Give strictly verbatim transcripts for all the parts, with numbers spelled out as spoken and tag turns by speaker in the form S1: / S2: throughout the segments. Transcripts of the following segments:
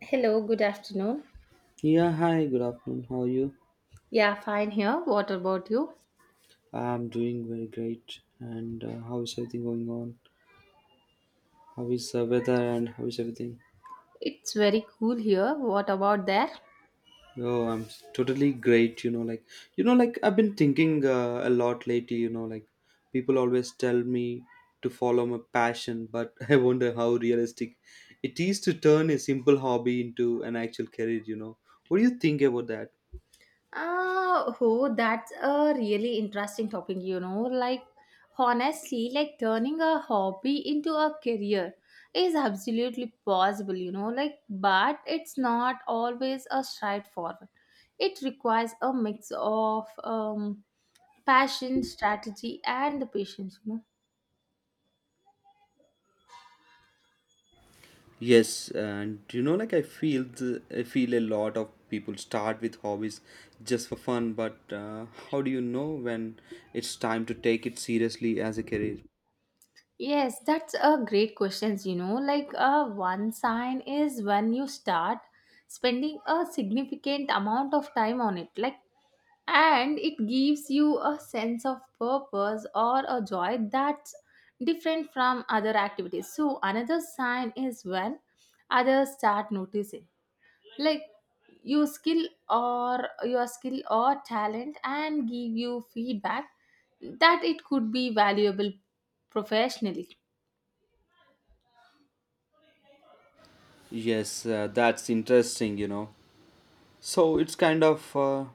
S1: Hello, good afternoon.
S2: Yeah, hi, good afternoon. How are you?
S1: Yeah, fine here. What about you?
S2: I'm doing very great. And uh, how is everything going on? How is the weather and how is everything?
S1: It's very cool here. What about there?
S2: Oh, I'm s- totally great. You know, like, you know, like, I've been thinking uh, a lot lately. You know, like, people always tell me to follow my passion, but I wonder how realistic it is to turn a simple hobby into an actual career, you know. What do you think about that?
S1: Uh, oh, that's a really interesting topic, you know. Like, honestly, like turning a hobby into a career is absolutely possible, you know. Like, but it's not always a straightforward. It requires a mix of um, passion, strategy, and the patience, you know
S2: Yes, and you know, like I feel the, I feel a lot of people start with hobbies just for fun, but uh, how do you know when it's time to take it seriously as a career?
S1: Yes, that's a great questions. You know, like uh, one sign is when you start spending a significant amount of time on it, like, and it gives you a sense of purpose or a joy that's different from other activities. So another sign is when others start noticing, like your skill or your skill or talent, and give you feedback that it could be valuable professionally.
S2: Yes, uh, that's interesting, you know. So it's kind of uh,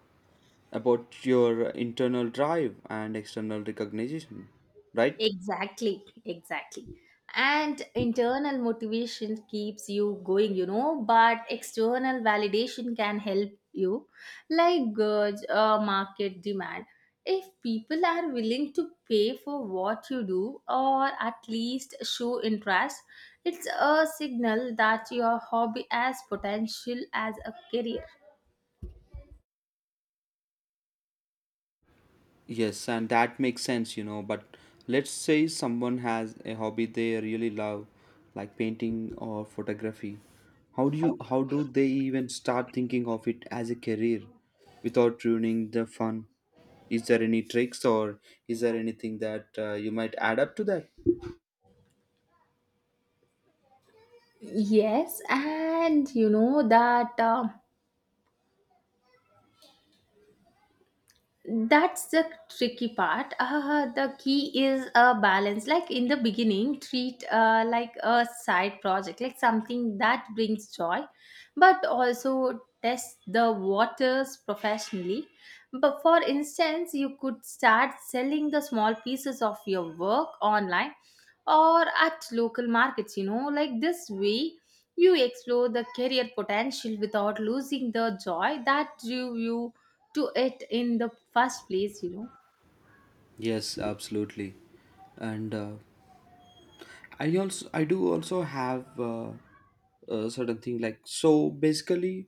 S2: about your internal drive and external recognition, right?
S1: Exactly, exactly. And internal motivation keeps you going, you know, but external validation can help you, like gauge uh, market demand. If people are willing to pay for what you do or at least show interest, it's a signal that your hobby has potential as a career.
S2: Yes, and that makes sense, you know. But let's say someone has a hobby they really love, like painting or photography. How do you how do they even start thinking of it as a career without ruining the fun? Is there any tricks, or is there anything that uh, you might add up to that?
S1: Yes, and you know that. Um that's the tricky part. Uh, the key is a balance. Like, in the beginning, treat uh, like a side project, like something that brings joy, but also test the waters professionally. But for instance, you could start selling the small pieces of your work online or at local markets you know like this way you explore the career potential without losing the joy that drew you to it in the first place you know
S2: Yes, absolutely. And uh, I also I do also have uh, a certain thing, like, so basically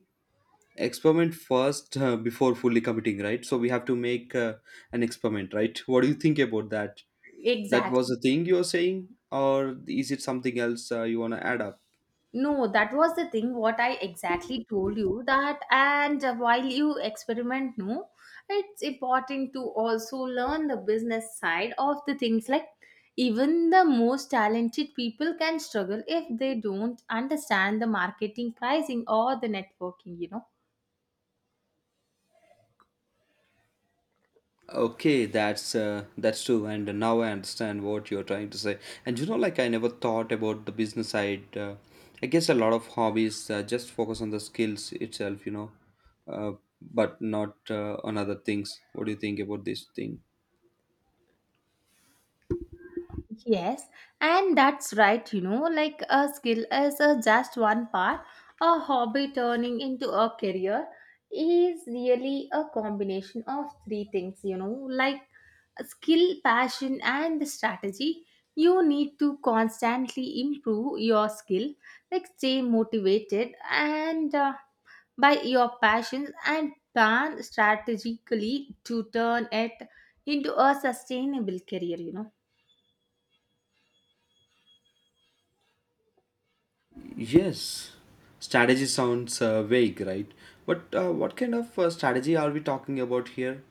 S2: experiment first uh, before fully committing, right? So we have to make uh, an experiment, right? What do you think about that? That was the
S1: Exactly.
S2: thing you were saying, or is it something else uh, you want to add up?
S1: No, that was the thing what i exactly told you that. And while you experiment, no, it's important to also learn the business side of the things. Like, even the most talented people can struggle if they don't understand the marketing, pricing, or the networking you know
S2: Okay, that's uh, that's true, and now I understand what you're trying to say. And you know, like, I never thought about the business side. Uh, I guess a lot of hobbies uh, just focus on the skills itself, you know, uh, but not uh, on other things. What do you think about this thing?
S1: Yes, and that's right, you know, like a skill is uh, just one part. A hobby turning into a career is really a combination of three things, you know, like skill, passion, and strategy. You need to constantly improve your skill, like stay motivated and uh, by your passions and plan strategically to turn it into a sustainable career, you know.
S2: Yes, strategy sounds uh, vague, right? But uh, what kind of uh, strategy are we talking about here?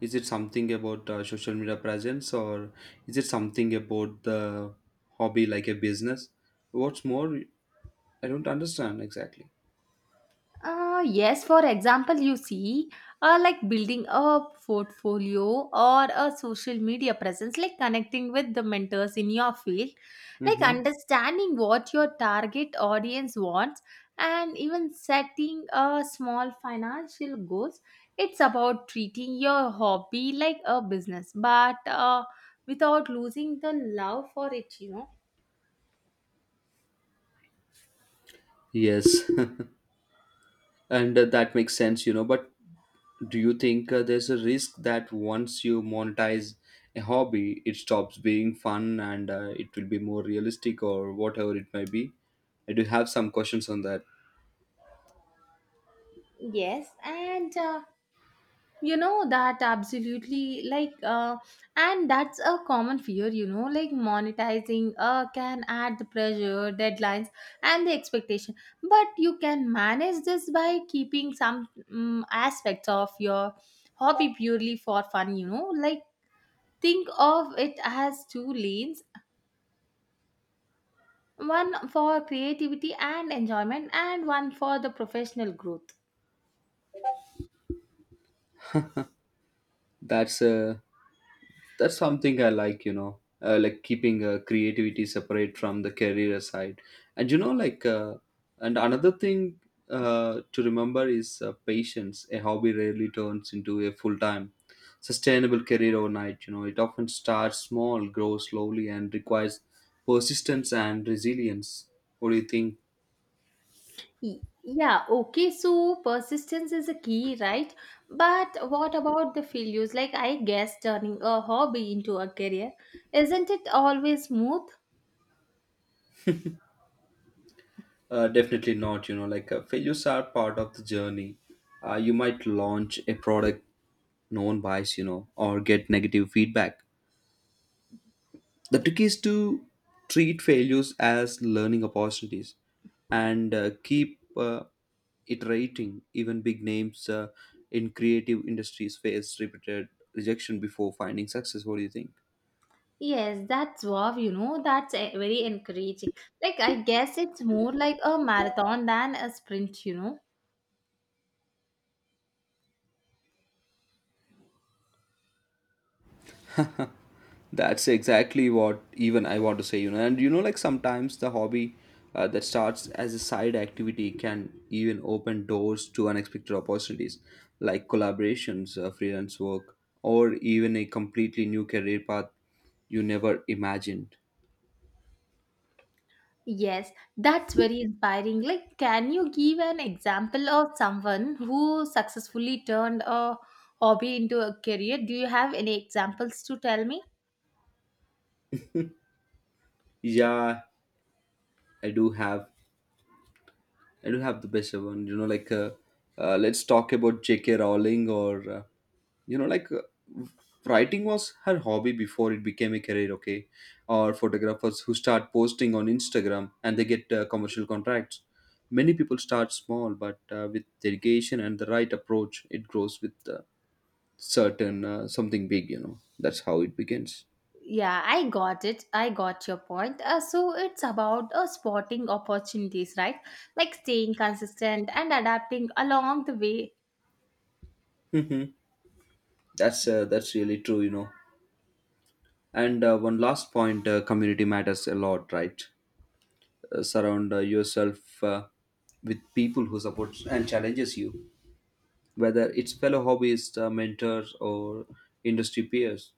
S2: Is it something about uh, social media presence, or is it something about the hobby like a business? What's more, I don't understand exactly.
S1: Uh, yes, for example, you see, uh, like building a portfolio or a social media presence, like connecting with the mentors in your field, like
S2: Mm-hmm.
S1: understanding what your target audience wants, and even setting a small financial goals. It's about treating your hobby like a business, but uh, without losing the love for it, you know.
S2: Yes, and uh, that makes sense, you know. But do you think uh, there's a risk that once you monetize a hobby, it stops being fun and uh, it will be more realistic or whatever it may be? I do have some questions on that.
S1: Yes, and uh, you know that absolutely, like uh, and that's a common fear you know like monetizing uh, can add the pressure, deadlines, and the expectation, but you can manage this by keeping some um, aspects of your hobby purely for fun you know like think of it as two lanes: one for creativity and enjoyment and one for the professional growth.
S2: That's a that's something I like, you know, uh, like keeping uh, creativity separate from the career side. And you know like uh, and another thing uh, to remember is uh, patience. A hobby rarely turns into a full-time sustainable career overnight, you know. It often starts small, grows slowly, and requires persistence and resilience. What do you think?
S1: Y- Yeah, okay, so persistence is a key, right? But what about the failures? Like, I guess turning a hobby into a career, isn't it always smooth?
S2: Uh, definitely not, you know, like uh, failures are part of the journey. Uh, you might launch a product no one buys, you know, or get negative feedback. The trick is to treat failures as learning opportunities and uh, keep uh, iterating. Even big names uh, in creative industries face repeated rejection before finding success. What do you think?
S1: Yes, that's wow, you know, that's eh, very encouraging. Like, I guess it's more like a marathon than a sprint, you know.
S2: That's exactly what even I want to say, you know. And you know, like, sometimes the hobby uh, that starts as a side activity can even open doors to unexpected opportunities, like collaborations, uh, freelance work, or even a completely new career path you never imagined.
S1: Yes, that's very inspiring. Like, can you give an example of someone who successfully turned a hobby into a career? Do you have any examples to tell me?
S2: Yeah, I do have I do have the best one. You know, like uh, uh, let's talk about J K. Rowling, or uh, you know, like uh, writing was her hobby before it became a career. Okay, or photographers who start posting on Instagram and they get uh, commercial contracts. Many people start small, but uh, with dedication and the right approach, it grows with uh, certain uh, something big. You know, that's how it begins.
S1: Yeah, I got it. I got your point. Uh, so it's about uh, spotting opportunities, right? Like staying consistent and adapting along the way.
S2: Hmm. That's uh, that's really true, you know. And uh, one last point: uh, community matters a lot, right? uh, surround uh, yourself uh, with people who support and challenges you, whether it's fellow hobbyists, uh, mentors, or industry peers.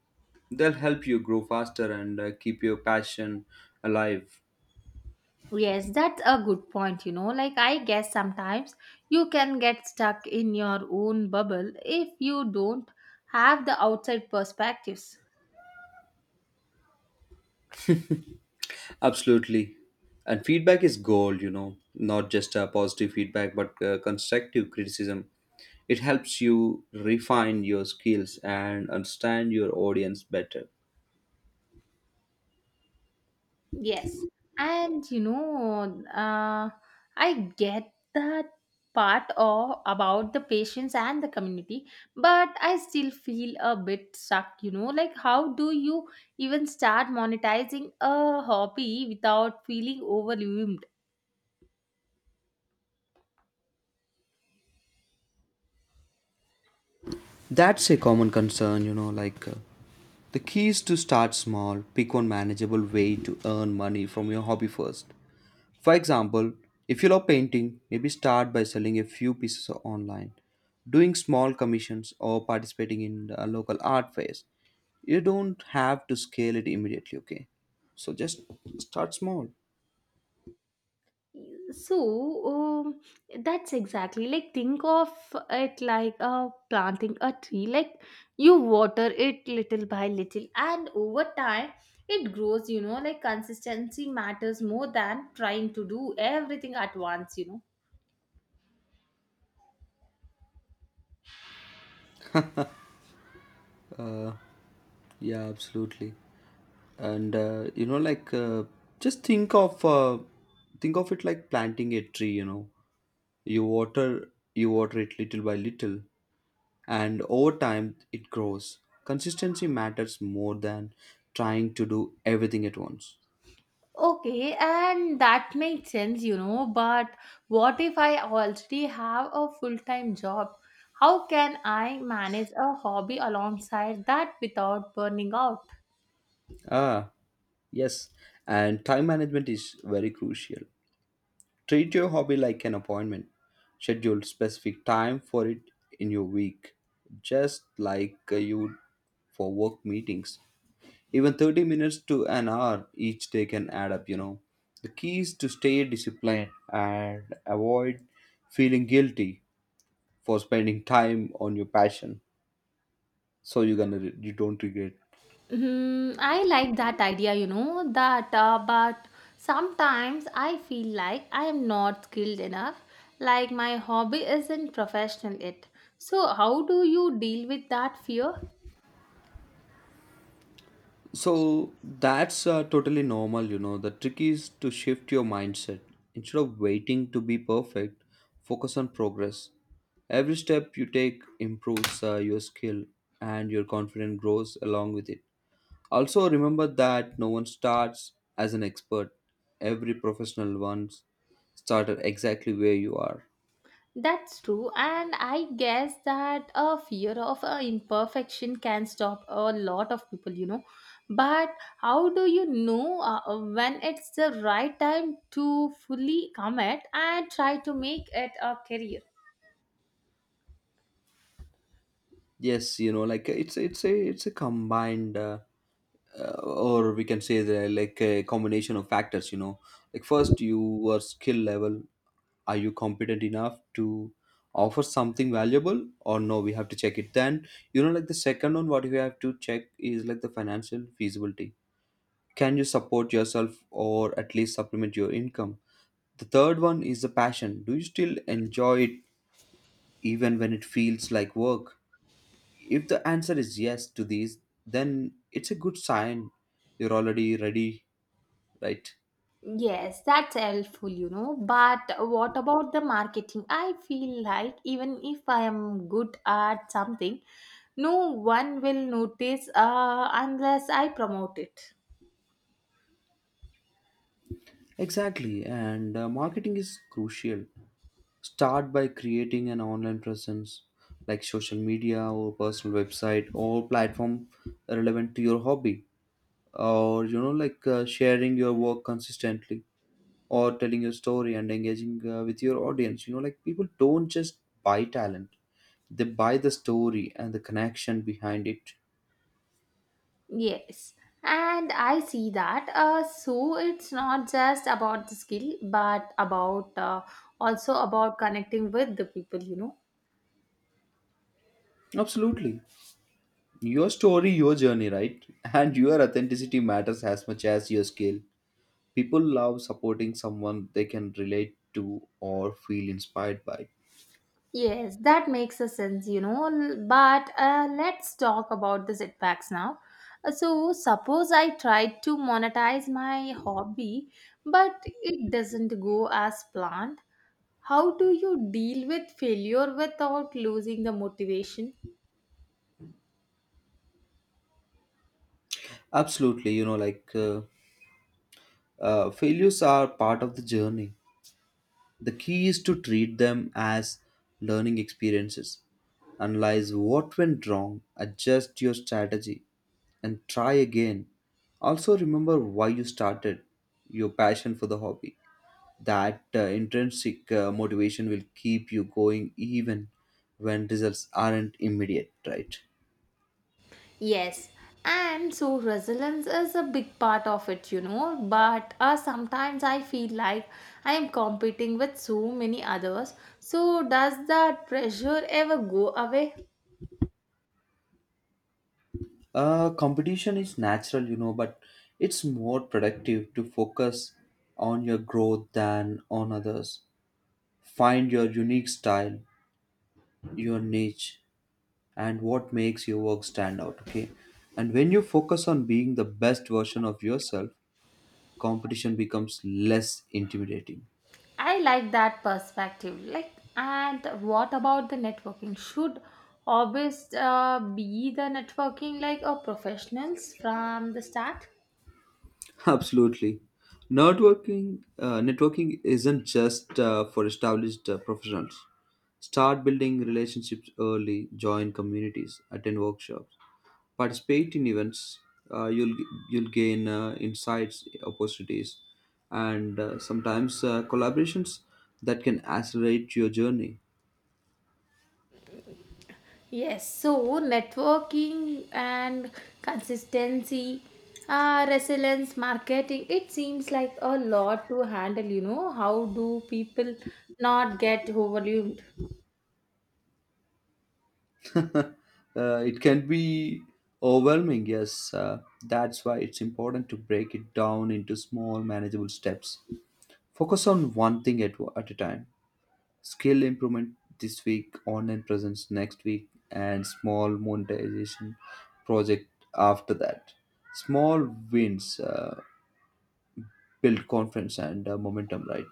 S2: They'll help you grow faster and uh, keep your passion alive.
S1: Yes, that's a good point. You know, like I guess sometimes you can get stuck in your own bubble if you don't have the outside perspectives.
S2: Absolutely. And feedback is gold, you know. Not just uh, positive feedback but uh, constructive criticism. It helps you refine your skills and understand your audience better.
S1: Yes. And you know, uh, I get that part of about the patients and the community, but I still feel a bit stuck, you know, like how do you even start monetizing a hobby without feeling overwhelmed?
S2: That's a common concern, you know, like uh, the key is to start small. Pick one manageable way to earn money from your hobby first. For example, if you love painting, maybe start by selling a few pieces online, doing small commissions, or participating in a local art fairs. You don't have to scale it immediately, okay? So just start small.
S1: So, um, that's exactly like think of it like uh, planting a tree. Like you water it little by little, and over time it grows, you know, like consistency matters more than trying to do everything at once, you know.
S2: Yeah, absolutely. And uh, you know, like uh, just think of uh, think of it like planting a tree. You know, you water you water it little by little, and over time it grows. Consistency matters more than trying to do everything at once.
S1: Okay, and that makes sense, you know, but what if I already have a full time job? How can I manage a hobby alongside that without burning out?
S2: Ah, yes, and time management is very crucial. Treat your hobby like an appointment. Schedule specific time for it in your week, just like uh, you would for work meetings. Even thirty minutes to an hour each day can add up, you know. The key is to stay disciplined and avoid feeling guilty for spending time on your passion, so you're gonna re- you don't regret.
S1: Hmm, I like that idea, you know, that uh, but sometimes I feel like I am not skilled enough, like my hobby isn't professional yet. So, how do you deal with that fear?
S2: So that's uh, totally normal, you know. The trick is to shift your mindset. Instead of waiting to be perfect, focus on progress. Every step you take improves uh, your skill, and your confidence grows along with it. Also remember that no one starts as an expert. Every professional once started exactly where you are.
S1: That's true, and I guess that a fear of uh, imperfection can stop a lot of people, you know. But how do you know uh, when it's the right time to fully commit and try to make it a career?
S2: Yes, you know, like it's it's a it's a combined, uh, uh, or we can say, the like a combination of factors, you know. Like, first, your skill level: are you competent enough to offer something valuable or no? We have to check it. Then, you know, like, the second one, what we have to check, is like the financial feasibility: can you support yourself, or at least supplement your income? The third one is the passion: do you still enjoy it even when it feels like work? If the answer is yes to these, then it's a good sign. You're already ready, right?
S1: Yes, that's helpful, you know. But what about the marketing? I feel like even if I am good at something, no one will notice uh, unless I promote it.
S2: Exactly, and uh, marketing is crucial. Start by creating an online presence, like social media or personal website or platform relevant to your hobby, or you know, like uh, sharing your work consistently, or telling your story and engaging uh, with your audience. You know, like, people don't just buy talent, they buy the story and the connection behind it.
S1: Yes, and I see that. Uh, so it's not just about the skill, but about uh, also about connecting with the people, you know.
S2: Absolutely. Your story, your journey, right? And your authenticity matters as much as your skill. People love supporting someone they can relate to or feel inspired by.
S1: Yes, that makes a sense, you know. L- But uh, let's talk about the setbacks now. Uh, So, suppose I tried to monetize my hobby, but it doesn't go as planned. How do you deal with failure without losing the motivation?
S2: Absolutely, you know, like uh, uh, failures are part of the journey. The key is to treat them as learning experiences. Analyze what went wrong, adjust your strategy, and try again. Also, remember why you started: your passion for the hobby. That uh, intrinsic uh, motivation will keep you going even when results aren't immediate, right?
S1: Yes, and so resilience is a big part of it, you know. But uh, sometimes I feel like I am competing with so many others. So, does that pressure ever go away?
S2: Uh, competition is natural, you know, but it's more productive to focus on your growth than on others. Find your unique style, your niche, and what makes your work stand out, okay? And when you focus on being the best version of yourself, competition becomes less intimidating.
S1: I like that perspective. Like, and what about the networking? Should hobbies uh, be the networking like or professionals from the start?
S2: Absolutely. Networking, uh, networking isn't just uh, for established uh, professionals. Start building relationships early. Join communities. Attend workshops. Participate in events. Uh, you'll you'll gain uh, insights, opportunities, and uh, sometimes uh, collaborations that can accelerate your journey.
S1: Yes. So networking and consistency, uh, resilience, marketing. It seems like a lot to handle. You know, how do people not get overwhelmed?
S2: Uh, it can be overwhelming, yes. Uh, that's why it's important to break it down into small, manageable steps. Focus on one thing at, at a time: skill improvement this week, online presence next week, and small monetization project after that. Small wins uh, build confidence and uh, momentum, right?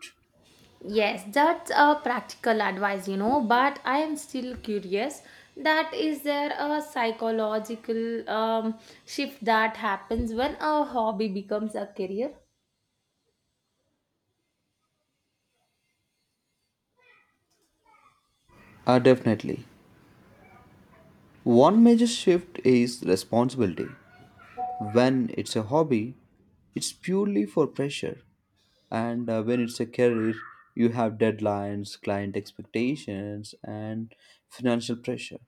S1: Yes, that's a practical advice, you know, but I am still curious that is there a psychological um, shift that happens when a hobby becomes a career?
S2: Uh, definitely. One major shift is responsibility. When it's a hobby, it's purely for pressure. And uh, when it's a career, you have deadlines, client expectations, and financial pressure.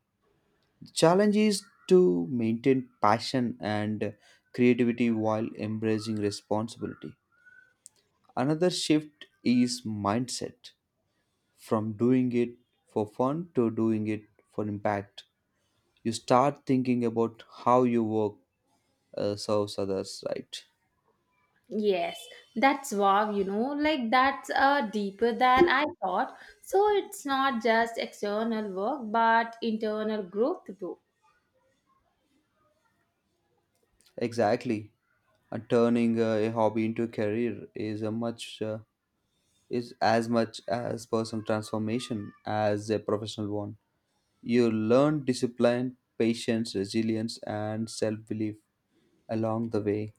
S2: The challenge is to maintain passion and creativity while embracing responsibility. Another shift is mindset, from doing it for fun to doing it for impact. You start thinking about how your work uh, serves others, right?
S1: Yes, that's wow, you know, like that's uh, deeper than I thought. So it's not just external work but internal growth too.
S2: Exactly. Uh, turning uh, a hobby into a career is a much uh, is as much as personal transformation as a professional one. You learn discipline, patience, resilience, and self-belief along the way.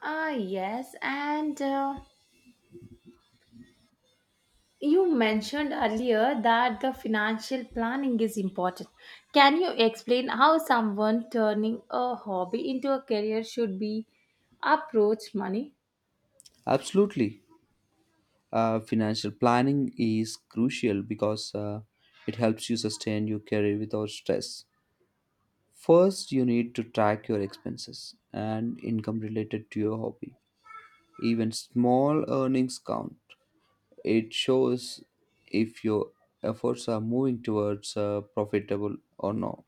S1: Ah, yes, and uh, You mentioned earlier that the financial planning is important. Can you explain how someone turning a hobby into a career should be approach money?
S2: Absolutely. Uh, financial planning is crucial because uh, it helps you sustain your career without stress. First, you need to track your expenses and income related to your hobby. Even small earnings count. It shows if your efforts are moving towards uh, profitable or not.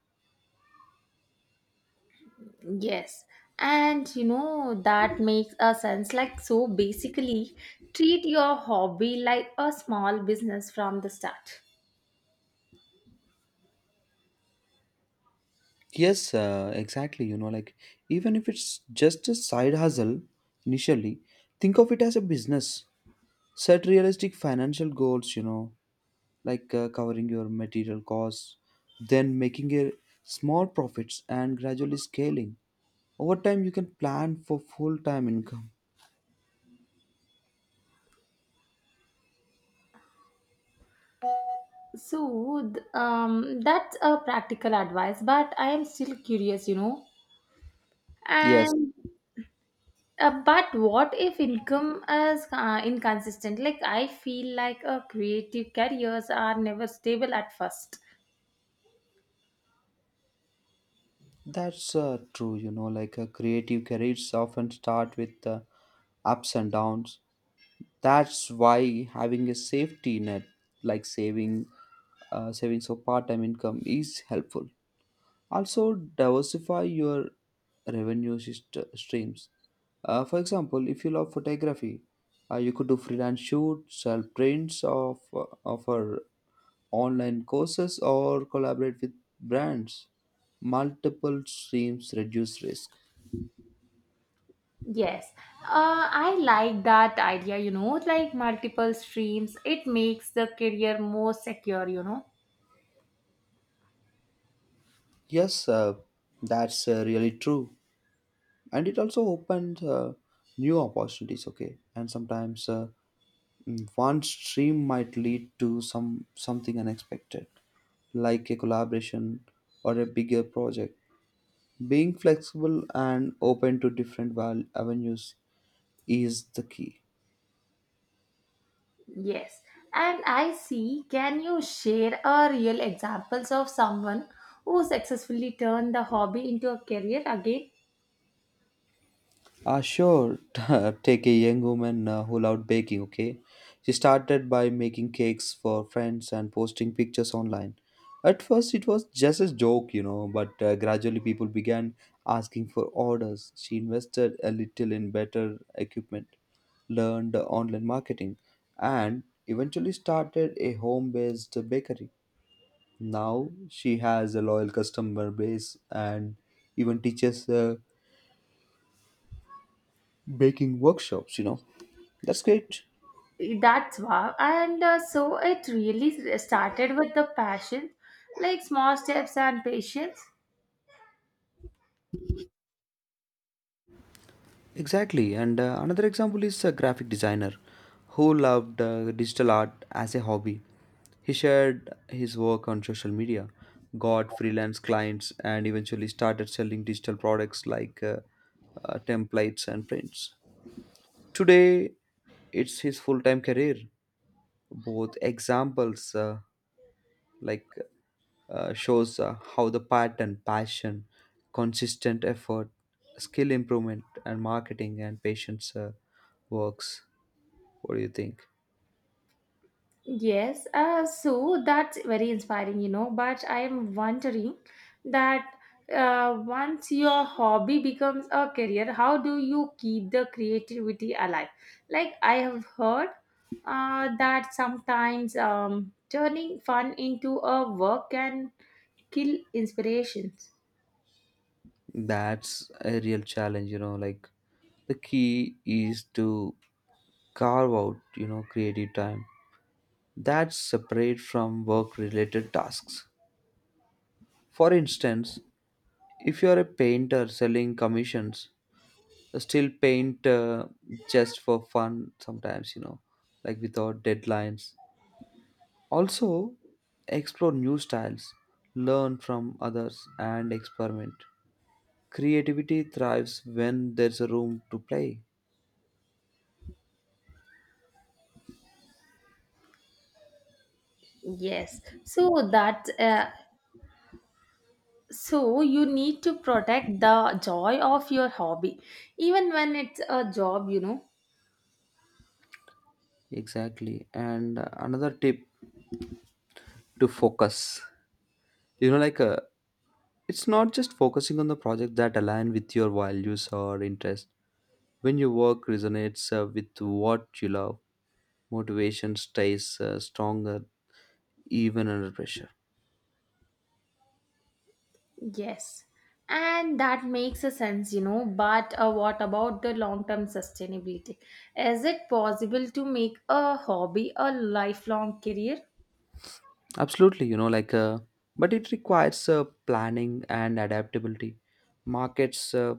S1: Yes. And you know that makes a sense, like, so basically treat your hobby like a small business from the start.
S2: Yes, uh, exactly. You know, like, even if it's just a side hustle initially, think of it as a business. Set realistic financial goals, you know, like uh, covering your material costs, then making a small profits and gradually scaling. Over time, you can plan for full time income.
S1: So th- um that's a practical advice but I am still curious, you know.
S2: Yes.
S1: And Uh, but what if income is uh, inconsistent? Like, I feel like uh, creative careers are never stable at first.
S2: That's uh, true, you know, like uh, creative careers often start with uh, ups and downs. That's why having a safety net like saving uh, savings or part-time income is helpful. Also, diversify your revenue syst- streams. Uh, for example, if you love photography, uh, you could do freelance shoots, sell prints of of offer online courses, or collaborate with brands. Multiple streams reduce risk.
S1: Yes, uh, I like that idea, you know, like multiple streams, it makes the career more secure, you know.
S2: Yes, uh, that's uh, really true. And it also opens uh, new opportunities, okay? And sometimes uh, mm, one stream might lead to some something unexpected, like a collaboration or a bigger project. Being flexible and open to different val- avenues is the key.
S1: Yes, and I see. Can you share a real examples of someone who successfully turned the hobby into a career again?
S2: Uh, sure. Take a young woman uh, who loved baking, okay? She started by making cakes for friends and posting pictures online. At first, it was just a joke, you know, but uh, gradually people began asking for orders. She invested a little in better equipment, learned online marketing, and eventually started a home based bakery. Now she has a loyal customer base and even teaches uh, baking workshops, you know. That's great.
S1: That's wow. And uh, so it really started with the passion, like small steps and patience.
S2: Exactly. And uh, another example is a graphic designer who loved uh, digital art as a hobby. He shared his work on social media, got freelance clients, and eventually started selling digital products like uh, uh, templates and prints. Today, it's his full time career. Both examples, uh, like uh, shows uh, how the pattern, passion, consistent effort, skill improvement, and marketing and patience uh, works. What do you think?
S1: Yes, uh, so that's very inspiring, you know. But I am wondering that uh, once your hobby becomes a career, how do you keep the creativity alive? Like I have heard uh, that sometimes um, turning fun into a work can kill inspirations.
S2: That's a real challenge, you know. Like the key is to carve out, you know, creative time that's separate from work related tasks. For instance, if you are a painter selling commissions, still paint uh, just for fun sometimes, you know, like without deadlines. Also, explore new styles, learn from others, and experiment. Creativity thrives when there's a room to play.
S1: Yes. So that uh, so you need to protect the joy of your hobby even when it's a job, you know.
S2: Exactly. And uh, another tip to focus. You know, like uh, it's not just focusing on the project that align with your values or interest. When your work resonates uh, with what you love, motivation stays uh, stronger even under pressure.
S1: Yes. And that makes a sense, you know. But uh, what about the long-term sustainability? Is it possible to make a hobby a lifelong career?
S2: Absolutely, you know, like, uh, but it requires uh, planning and adaptability. Markets uh,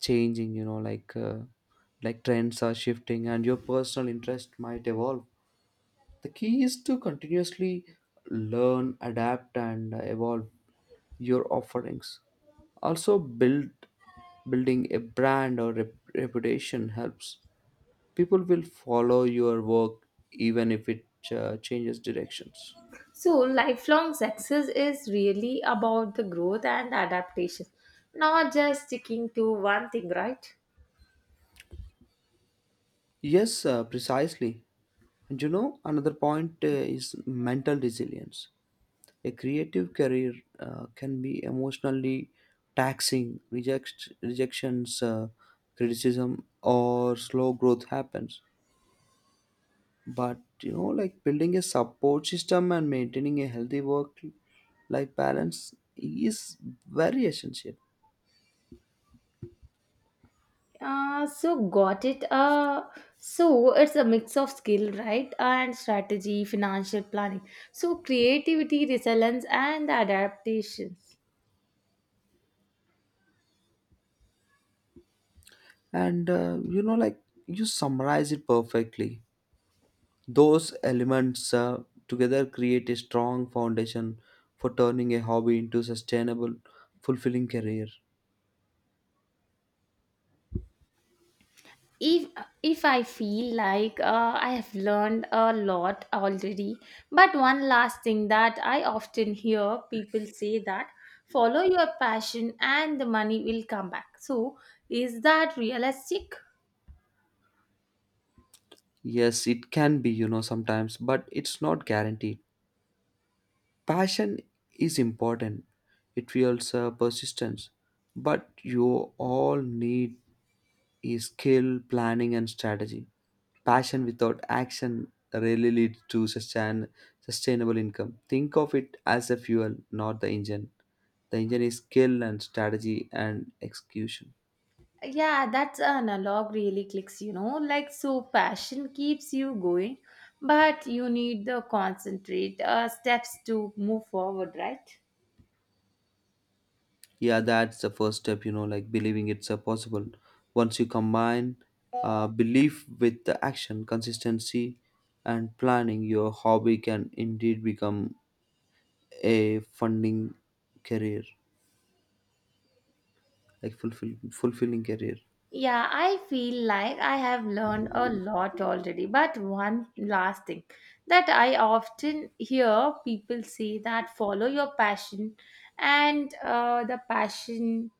S2: changing, you know, like, uh, like trends are shifting, and your personal interest might evolve. The key is to continuously learn, adapt, and uh, evolve your offerings. Also, build building a brand or rep- reputation helps. People will follow your work even if it uh, changes directions.
S1: So lifelong success is really about the growth and adaptation, not just sticking to one thing, right?
S2: Yes, uh, precisely. And you know, another point uh, is mental resilience. A creative career uh, can be emotionally taxing. Reject, rejections, uh, criticism, or slow growth happens. But you know, like building a support system and maintaining a healthy work life balance is very essential.
S1: Uh, so got it. Uh, so it's a mix of skill, right, and strategy, financial planning. So creativity, resilience, and adaptations.
S2: And uh, you know, like you summarize it perfectly. Those elements uh, together create a strong foundation for turning a hobby into sustainable, fulfilling career.
S1: If if I feel like uh, I have learned a lot already, but one last thing that I often hear people say that follow your passion and the money will come back. So is that realistic?
S2: Yes, it can be, you know, sometimes, but it's not guaranteed. Passion is important. It fuels uh, persistence, but you all need is skill, planning and strategy. Passion without action rarely leads to sustain, sustainable income. Think of it as the fuel, not the engine. The engine is skill and strategy and execution.
S1: Yeah, that's an analog really clicks, you know. Like, so passion keeps you going, but you need the concentrate uh, steps to move forward, right?
S2: Yeah, that's the first step, you know, like believing it's uh, possible. Once you combine uh, belief with the action, consistency, and planning, your hobby can indeed become a funding career, like fulfill, fulfilling career.
S1: Yeah, I feel like I have learned a lot already. But one last thing that I often hear people say that follow your passion, and uh, the passion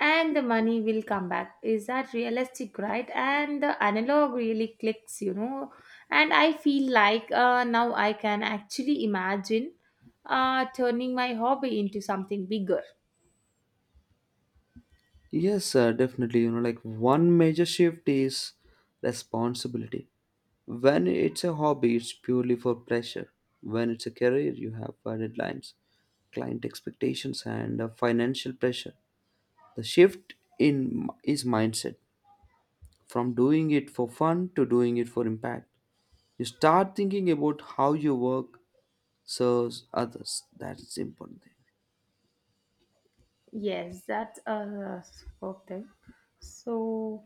S1: and the money will come back, is that realistic, right? And the analog really clicks, you know and i feel like uh, now i can actually imagine uh, turning my hobby into something bigger.
S2: Yes, uh, definitely. You know, like one major shift is responsibility. When it's a hobby, it's purely for pleasure. When it's a career, you have uh, deadlines, client expectations, and uh, financial pressure. The shift in is mindset from doing it for fun to doing it for impact. You start thinking about how your work serves others. That's the important thing.
S1: Yes, that's a superb thing. So,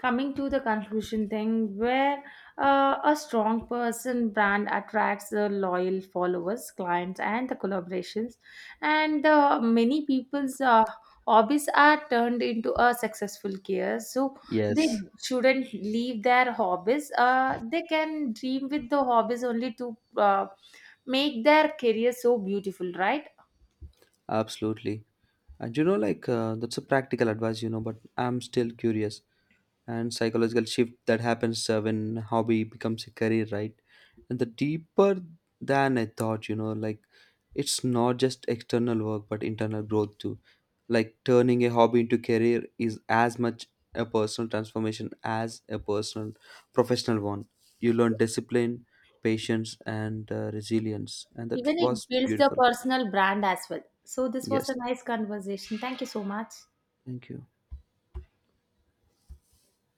S1: coming to the conclusion thing, where uh, a strong person brand attracts the loyal followers, clients, and the collaborations, and uh, many people's uh, hobbies are turned into a successful career. So they
S2: Yes,
S1: shouldn't leave their hobbies. Uh, they can dream with the hobbies only to uh, make their career so beautiful, right?
S2: absolutely. And you know, like uh, that's a practical advice, you know, but I'm still curious. And psychological shift that happens uh, when hobby becomes a career, right? And the deeper than I thought, you know, like it's not just external work but internal growth too. Like turning a hobby into career is as much a personal transformation as a personal professional one. You learn discipline, patience, and uh, resilience, and that
S1: Even it
S2: was
S1: builds the
S2: beautiful.
S1: personal brand as well. So this was a
S2: Yes,
S1: nice conversation. Thank you so much.
S2: thank you.